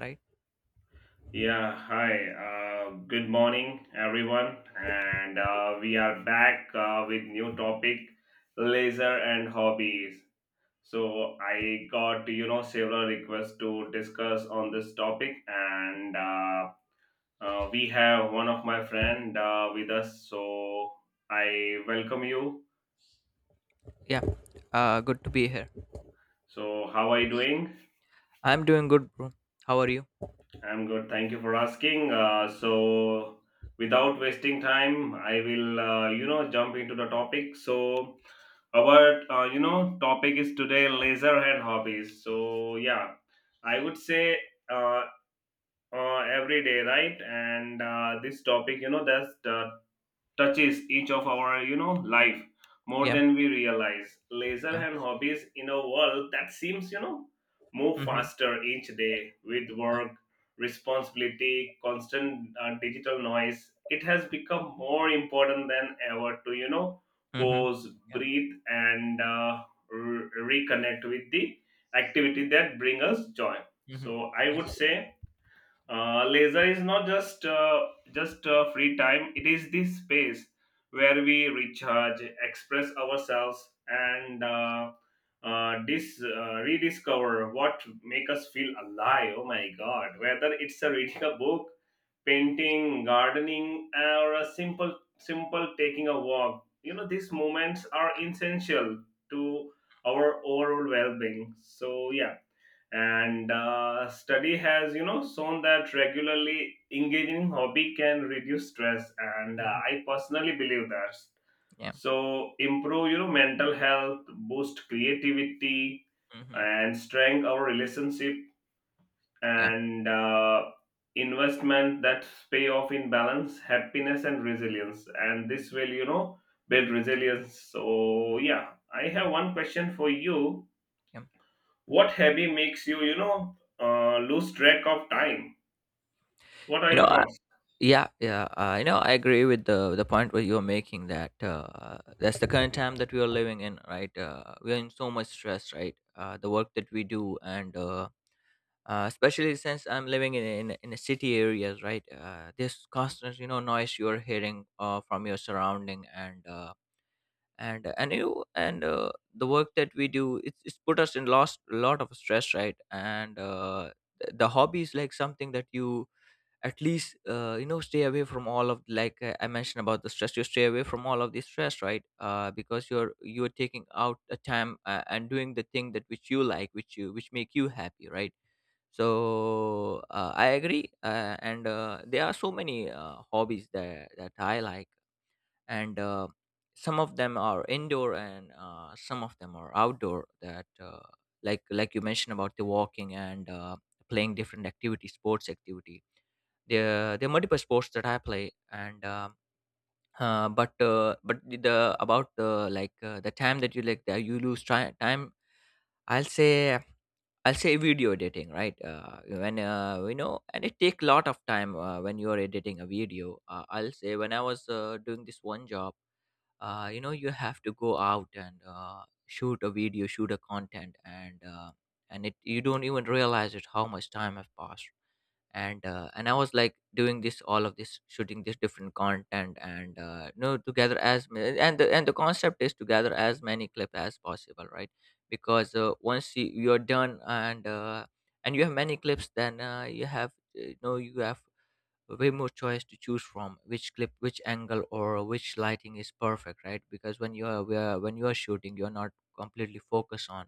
Right? Yeah, hi. Good morning, everyone. And we are back with new topic, laser and hobbies. So I got several requests to discuss on this topic, and we have one of my friend with us. So I welcome you. Yeah, good to be here. So how are you doing? I'm doing good, bro. How are you? I'm good. Thank you for asking. So without wasting time, I will jump into the topic. So our topic is today leisure and hobbies, so yeah, I would say uh, every day, right? And this topic, that's touches each of our life more Yeah. than we realize. Leisure Yeah. and hobbies, in a world that seems move Mm-hmm. faster each day with Yeah. work responsibility, constant digital noise, it has become more important than ever to Mm-hmm. pause, Yeah. breathe, and reconnect with the activity that bring us joy. Mm-hmm. So I Yeah. would Mm-hmm. say leisure is not just free time. It is the space where we recharge, express ourselves, and rediscover what make us feel alive. Oh my God! Whether it's a reading a book, painting, gardening, or a simple taking a walk, you know these moments are essential to our overall well-being. So yeah, and study has shown that regularly engaging hobby can reduce stress, and Mm-hmm. I personally believe that, Yeah. so improve mental health, boost creativity, Mm-hmm. and strengthen our relationship. Yeah. And investment that pay off in balance happiness and resilience, and this will build resilience. So yeah, I have one question for you. Yeah. What hobby makes you, lose track of time? What are You your know, thoughts? Yeah, yeah. I agree with the point where you're making that that's the current time that we are living in, right? We're in so much stress, right? The work that we do, and especially since I'm living in a city areas, right? This constant, you know, noise you're hearing from your surrounding, and the work that we do, it's put us in lost lot of stress, right? And The hobby is like something that you at least you know stay away from all of I mentioned about the stress. You stay away from all of the stress, right? Because you're taking out a time and doing the thing that which you like, which you, which make you happy, right? So I agree, and there are so many hobbies that I like, and some of them are indoor and some of them are outdoor that like you mentioned about the walking, and playing different activity, sports activity. There are multiple sports that I play, and but the about the the time that you like, that you lose try, time. I'll say, I'll say video editing, right? When you know, and it take a lot of time when you are editing a video. I'll say when I was doing this one job, you know, you have to go out and shoot a video, shoot a content, and and it you don't even realize it how much time have passed, and and I was like doing this all of this shooting this different content, and no to gather as ma- and and the concept is to gather as many clip as possible, right? Because once you're done, and and you have many clips, then you have you know you have way more choice to choose from, which clip, which angle, or which lighting is perfect, right? Because when you are when you are shooting, you're not completely focused on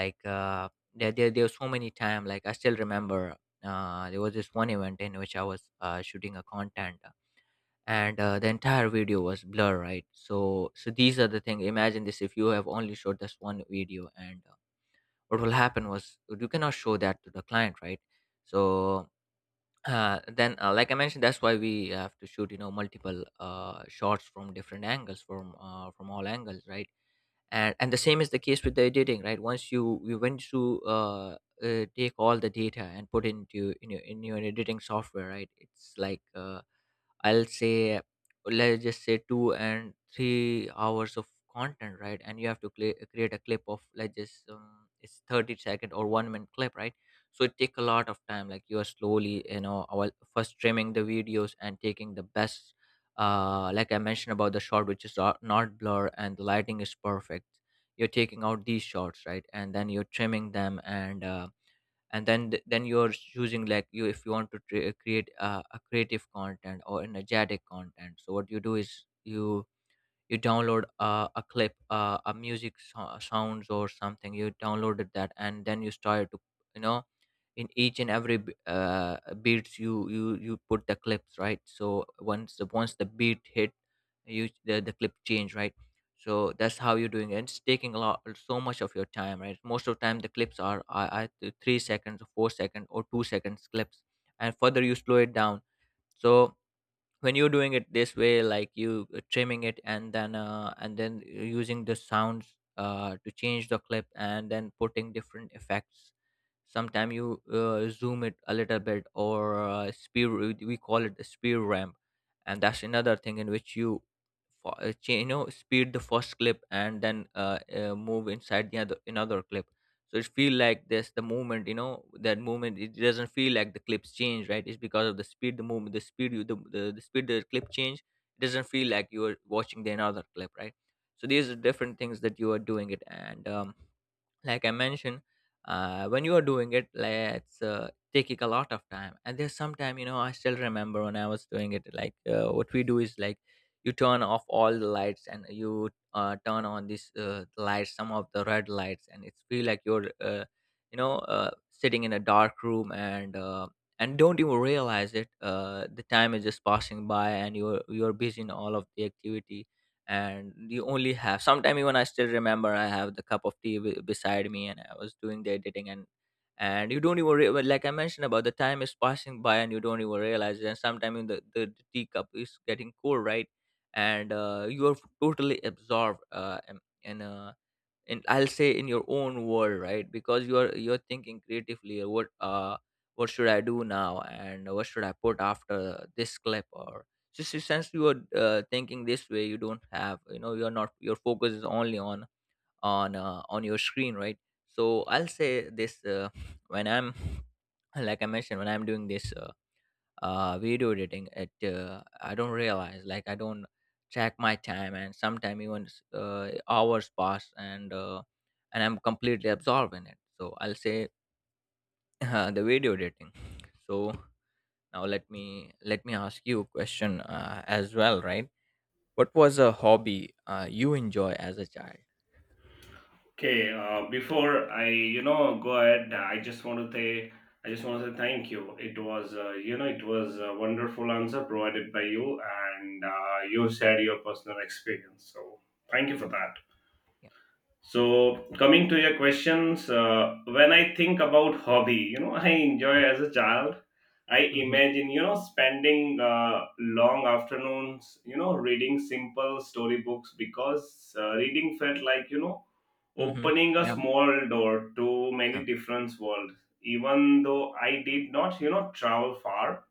there were so many time. Like I still remember there was this one event in which I was shooting a content, and the entire video was blur, right? So these are the thing. Imagine this: if you have only shot this one video, and what will happen was you cannot show that to the client, right? So then like I mentioned, that's why we have to shoot you know multiple shots from different angles, from all angles, right? And the same is the case with the editing, right? Once you went to take all the data and put into in your editing software, right? It's like I'll say, let's just say 2 and 3 hours of content, right? And you have to create a clip of let's just it's 30 second or 1 minute clip, right? So it take a lot of time. Like you are slowly, you know, while first trimming the videos and taking the best. Like I mentioned about the shot, which is not blur and the lighting is perfect. You're taking out these shots, right? And then you're trimming them, and and then then you're choosing like you if you want to create a creative content or energetic content. So what you do is you download a clip a music sounds or something. You downloaded that and then you started to you know in each and every beats you put the clips, right? So once the beat hit you, the clip change, right? So that's how you're doing it. It's taking a lot so much of your time, right? Most of the time the clips are, I 3 seconds or 4 second or 2 seconds clips, and further you slow it down. So when you're doing it this way, like you trimming it, and then using the sounds to change the clip, and then putting different effects, sometime you zoom it a little bit, or speed, we call it a speed ramp. And that's another thing in which you you know speed the first clip, and then move inside the other another clip. So it feel like this the movement, you know, that movement, it doesn't feel like the clips change, right? It's because of the speed, the movement, the speed you, the speed the clip change. It doesn't feel like you're watching the another clip, right? So these are different things that you are doing it, and like I mentioned when you are doing it, let's taking a lot of time. And there's some time, you know, I still remember when I was doing it, like what we do is like, you turn off all the lights and you turn on these lights, some of the red lights, and it's feel like you're you know sitting in a dark room, and and don't even realize it the time is just passing by, and you're busy in all of the activity. And you only have sometime, even I still remember I have the cup of tea beside me and I was doing the editing, and you don't even well, like I mentioned about the time is passing by and you don't even realize it. And sometimes the tea cup is getting cold, right? And you are totally absorbed and I'll say in your own world, right? Because you're thinking creatively, what should I do now and what should I put after this clip, or just since you are thinking this way, you don't have you know, you're not, your focus is only on, on your screen, right? So I'll say this when I'm, like I mentioned, when I'm doing this video editing, it I don't realize, like I don't track my time, and sometimes hours pass, and and I'm completely absorbed in it. So I'll say the video editing. So now let me ask you a question as well, right? What was a hobby you enjoy as a child? Okay, before I, go ahead, I just want to say thank you. It was, it was a wonderful answer provided by you, and you shared your personal experience. So thank you for Yeah. that. Yeah. So, coming to your questions, when I think about hobby, you know, I enjoy as a child. I Mm-hmm. imagine, you know, spending long afternoons, you know, reading simple storybooks because reading felt like, you know, Mm-hmm. opening a Yeah. small door to many Yeah. different worlds. Even though I did not, you know, travel far,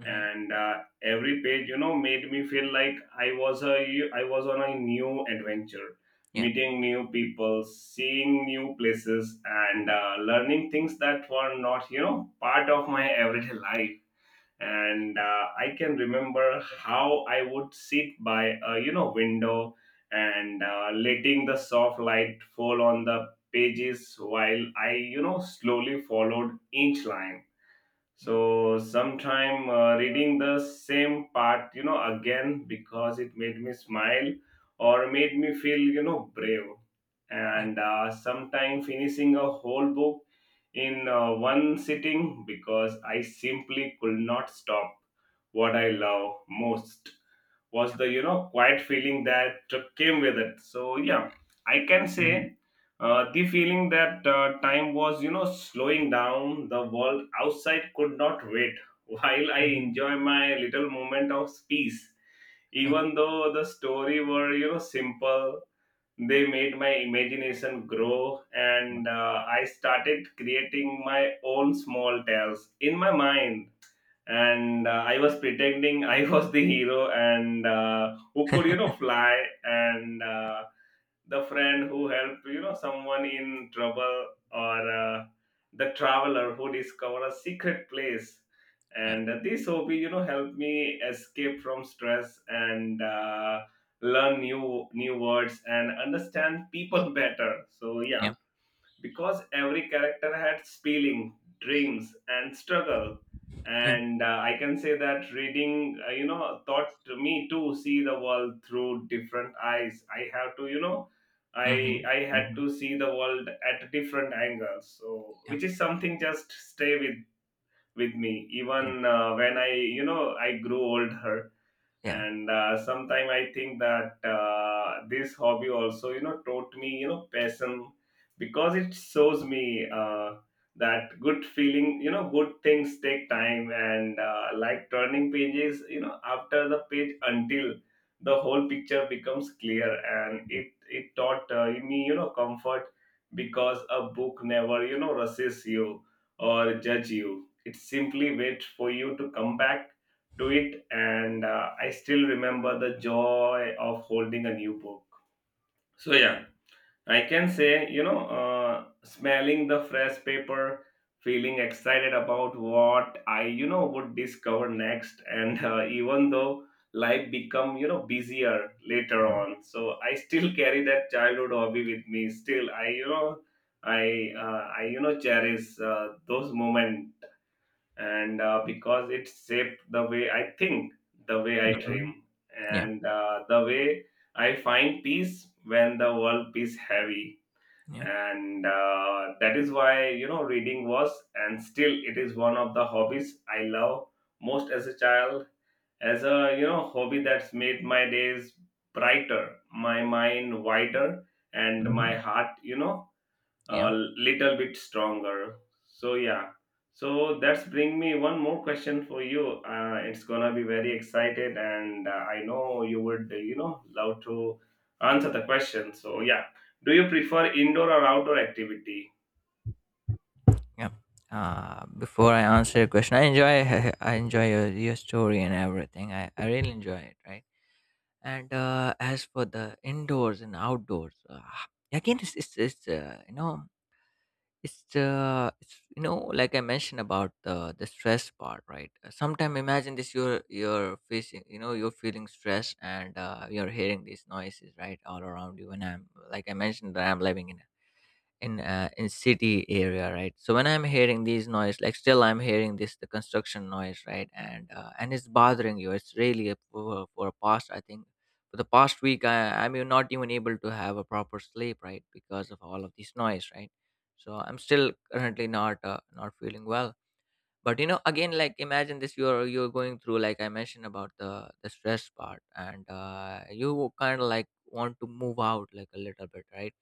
Mm-hmm. and every page, you know, made me feel like I was on a new adventure, Yeah. meeting new people, seeing new places, and learning things that were not, you know, part of my everyday life. And I can remember how I would sit by a, you know, window, and letting the soft light fall on the pages, while i, you know, slowly followed each line. Mm. So sometime reading the same part, you know, again because it made me smile or made me feel, you know, brave. Yeah. And sometime finishing a whole book in one sitting because I simply could not stop. What I love most was Yeah. the, you know, quiet feeling that came with it. So yeah, I can say Mm-hmm. The feeling that time was, you know, slowing down, the world outside could not wait while I Mm-hmm. enjoy my little moment of peace. Yeah. Even though the story were, you know, simple, they made my imagination grow, Yeah. and I started creating my own small tales in my mind. And I was pretending I was the hero, and who could, you know, fly, and the friend who helped, you know, someone in trouble, or the traveler who discovered a secret place. Yeah. And this hobby, you know, helped me escape from stress, and learn new words and understand people better. So yeah, Yeah. because every character had feeling, dreams, and struggle. Yeah. And I can say that reading, taught me to see the world through different eyes. I have to, I had Mm-hmm. to see the world at different angles. So, Yeah, which is something just stay with me yeah, even when I, I grew older. yeah. And sometime I think that this hobby also, you know, taught me, you know, passion because it shows me that good feeling, you know, good things take time, and like turning pages, you know, after the page until the whole picture becomes clear. And Mm, it taught me, you know, comfort because a book never, you know, rushes you or judge you. It simply waits for you to come back to it. And I still remember the joy of holding a new book. So yeah, I can say, smelling the fresh paper, feeling excited about what I, would discover next. And even though life become, you know, busier later on, so I still carry that childhood hobby with me. Still, I, cherish those moments. And because it shaped the way I think, the way yeah. I Mhm. dream, Yeah, and the way I find peace when the world is heavy. yeah. And that is why, you know, reading was and still it is one of the hobbies I love most as a child. As a, you know, hobby that's made my days brighter, my mind wider, and my Mhm. heart, you know, a Yeah, little bit stronger. So yeah. So that's bring me one more question for you. It's gonna be very excited, and I know you would, love to answer the question. So yeah, do you prefer indoor or outdoor activity? yeah. Before I answer your question, I enjoy I enjoy your story and everything. I really enjoy it, right? And as for the indoors and outdoors, again, it's you know it's you know, like I mentioned about the stress part, right? Sometimes imagine this: you're facing, you know, you're feeling stress, and you're hearing these noises, right, all around you. And I'm like I mentioned that I'm living in in city area, right? So when I'm hearing these noise, like still I'm hearing this the construction noise, right? And and it's bothering you, it's really a, for a past, I think for the past week I'm even not even able to have a proper sleep, right? Because of all of this noise, right? So I'm still currently not not feeling well. But you know, again, like imagine this, you're going through, like I mentioned about the stress part, and you kind of like want to move out like a little bit, right?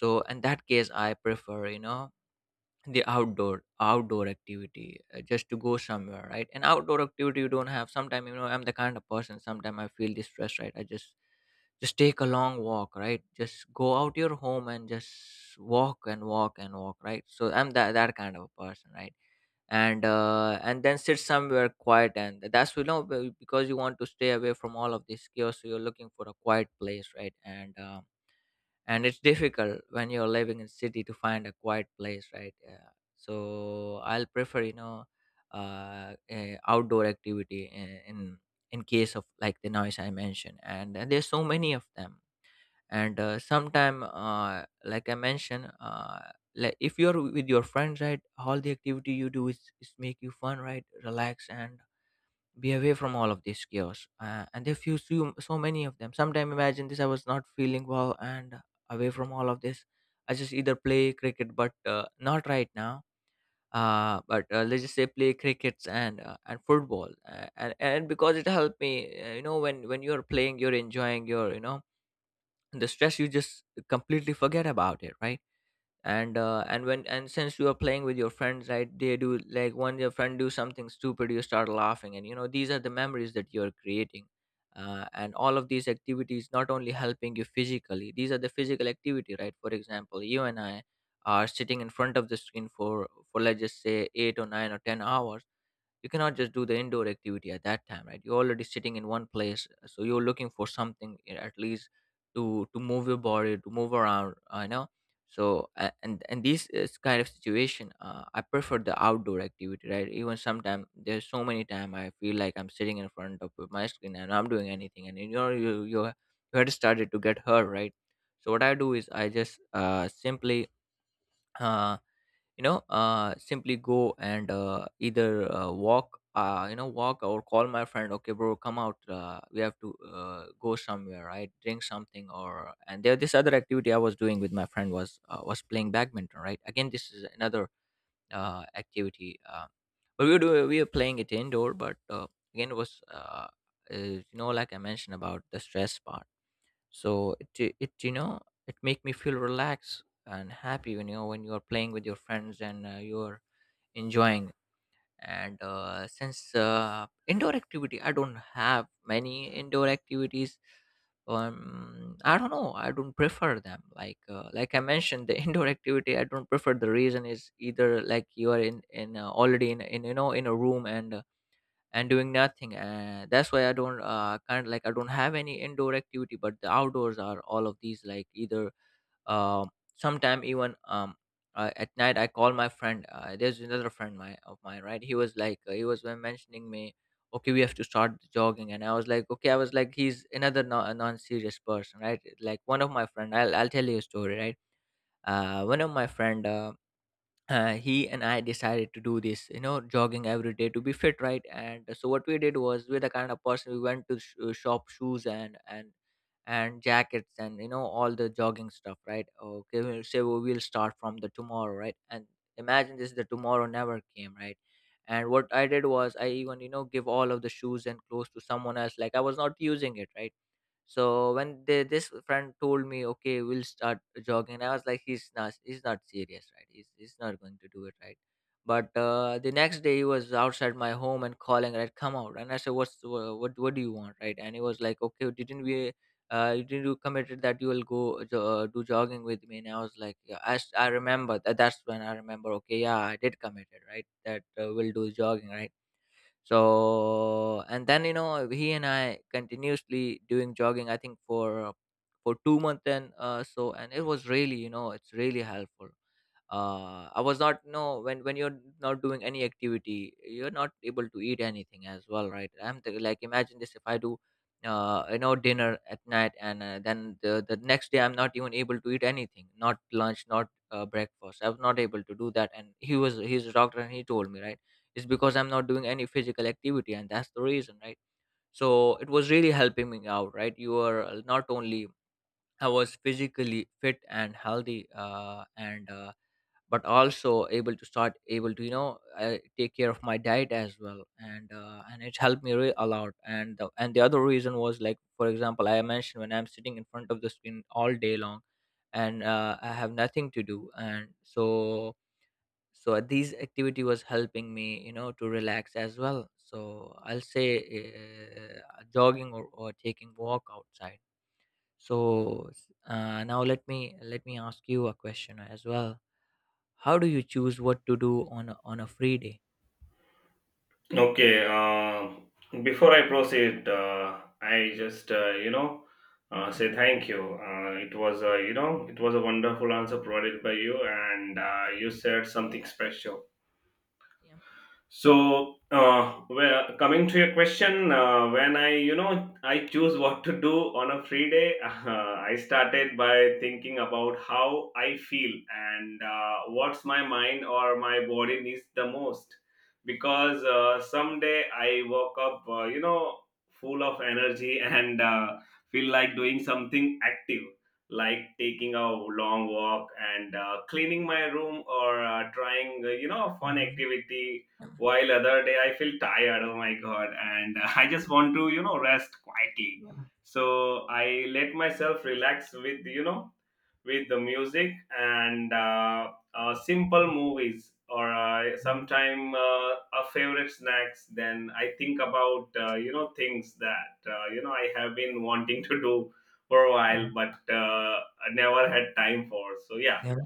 So in that case, I prefer, you know, the outdoor activity, just to go somewhere, right? An outdoor activity, you don't have sometimes, you know, I'm the kind of person, sometimes I feel distressed, right? I just take a long walk, right? Just go out your home and just walk and walk and walk, right? So I'm that, that kind of a person, right? And and then sit somewhere quiet, and that's you know because you want to stay away from all of this chaos, so you're looking for a quiet place, right? And and it's difficult when you're living in city to find a quiet place, right? Yeah. So I'll prefer outdoor activity in case of like the noise I mentioned, and there's so many of them. And sometime, like I mentioned, like if you're with your friends, right, all the activity you do is make you fun, right, relax and be away from all of this chaos. And if you see so many of them sometime, imagine this, I was not feeling well and away from all of this. I just either play cricket, but not right now. But let's just say play crickets and football, and because it helped me. You know, when you're playing you're enjoying your you know the stress, you just completely forget about it, right. And since you are playing with your friends, right, they do like when your friend do something stupid you start laughing, and these are the memories that you're creating. And all of these activities not only helping you physically, these are the physical activity, right. For example, you and I are sitting in front of the screen for, let's just say, 8 or 9 or 10 hours. You cannot just do the indoor activity at that time, right. You're already sitting in one place, so you're looking for something, at least to move your body, to move around, I know. So and this is kind of situation. I prefer the outdoor activity, right. Even sometimes there's so many time I feel like I'm sitting in front of my screen and I'm doing anything, and you had started to get hurt, right. So what I do is I just simply, Uh, simply go and either walk, walk or call my friend, okay bro, come out, we have to go somewhere, right, drink something. Or and there, this other activity I was doing with my friend was, playing badminton, right. Again, this is another activity, but we were doing, we were playing it indoor, but again it was, like I mentioned, about the stress part. So it it make me feel relaxed and happy, when when you are playing with your friends and you are enjoying. And since indoor activity, I don't have many indoor activities. I don't know, I don't prefer them, like I mentioned, the indoor activity I don't prefer. The reason is, either like you are in already in you know in a room, and doing nothing, and that's why I don't kind of like, I don't have any indoor activity. But the outdoors are all of these, like either, um sometime, even, at night I call my friend. There's another friend my of mine, right. He was like, he was mentioning me, okay, we have to start jogging. And I was like, okay. I was like, he's another non-serious person, right. Like one of my friend, I'll tell you a story, right. One of my friend, he and I decided to do this, jogging every day to be fit, right? And so what we did was, we're the kind of person, we went to shop shoes and jackets, and all the jogging stuff, right? Okay, we'll say, well, we'll start from the tomorrow, right? And imagine this, the tomorrow never came, right? And what I did was, I even give all of the shoes and clothes to someone else, like I was not using it, right? So when they, this friend told me, okay, we'll start jogging, I was like, he's not serious, right? He's not going to do it, right? But the next day he was outside my home and calling, right? Come out. And I said, what's, what do you want, right? And he was like, okay, didn't we, didn't you committed that you will go do jogging with me? And I was like, yeah, I remember that. That's when I remember, okay, yeah, I did commit it, right? That we'll do jogging, right? So and then he and I continuously doing jogging, I think, for 2 months, and so and it was really, it's really helpful. I was not, no, when you're not doing any activity, you're not able to eat anything as well, right? Like imagine this, if I do, dinner at night, and then the next day I'm not even able to eat anything, not lunch, not breakfast. I was not able to do that, and he's a doctor and he told me, right, it's because I'm not doing any physical activity, and that's the reason, right? So it was really helping me out, right? You are not only, I was physically fit and healthy, and but also able to start, able to take care of my diet as well, and it helped me really a lot. And the other reason was, like for example I mentioned, when I'm sitting in front of the screen all day long and I have nothing to do, and so, so these activity was helping me, to relax as well. So I'll say jogging or taking walk outside. So now let me ask you a question as well. How do you choose what to do on a free day? Okay. Before I proceed, I just say thank you. It was a, you know, it was a wonderful answer provided by you, and you said something special. Yeah. So, well, coming to your question, when I, I choose what to do on a free day, I started by thinking about how I feel and what's my mind or my body needs the most. Because someday I woke up, full of energy and feel like doing something active. Like taking a long walk and cleaning my room, or trying, a fun Mhm. activity, while other day I feel tired. Oh my god! And I just want to, you know, rest quietly. So I let myself relax with, you know, with the music, and simple movies, or Yeah. sometime a favorite snacks. Then I think about you know things that you know I have been wanting to do for a while, but I never had time for. So yeah, Yeah.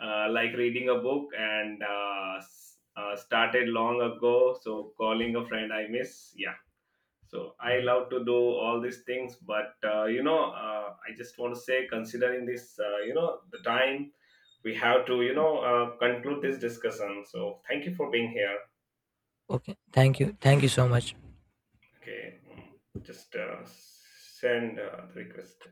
like reading a book, and started long ago, so calling a friend I miss. Yeah, so I Mhm. love to do all these things, but I just want to say, considering this, the time, we have to, you know, conclude this discussion. So thank you for being here. Okay. Thank you. Thank you so much. Okay. Mm, just send the request.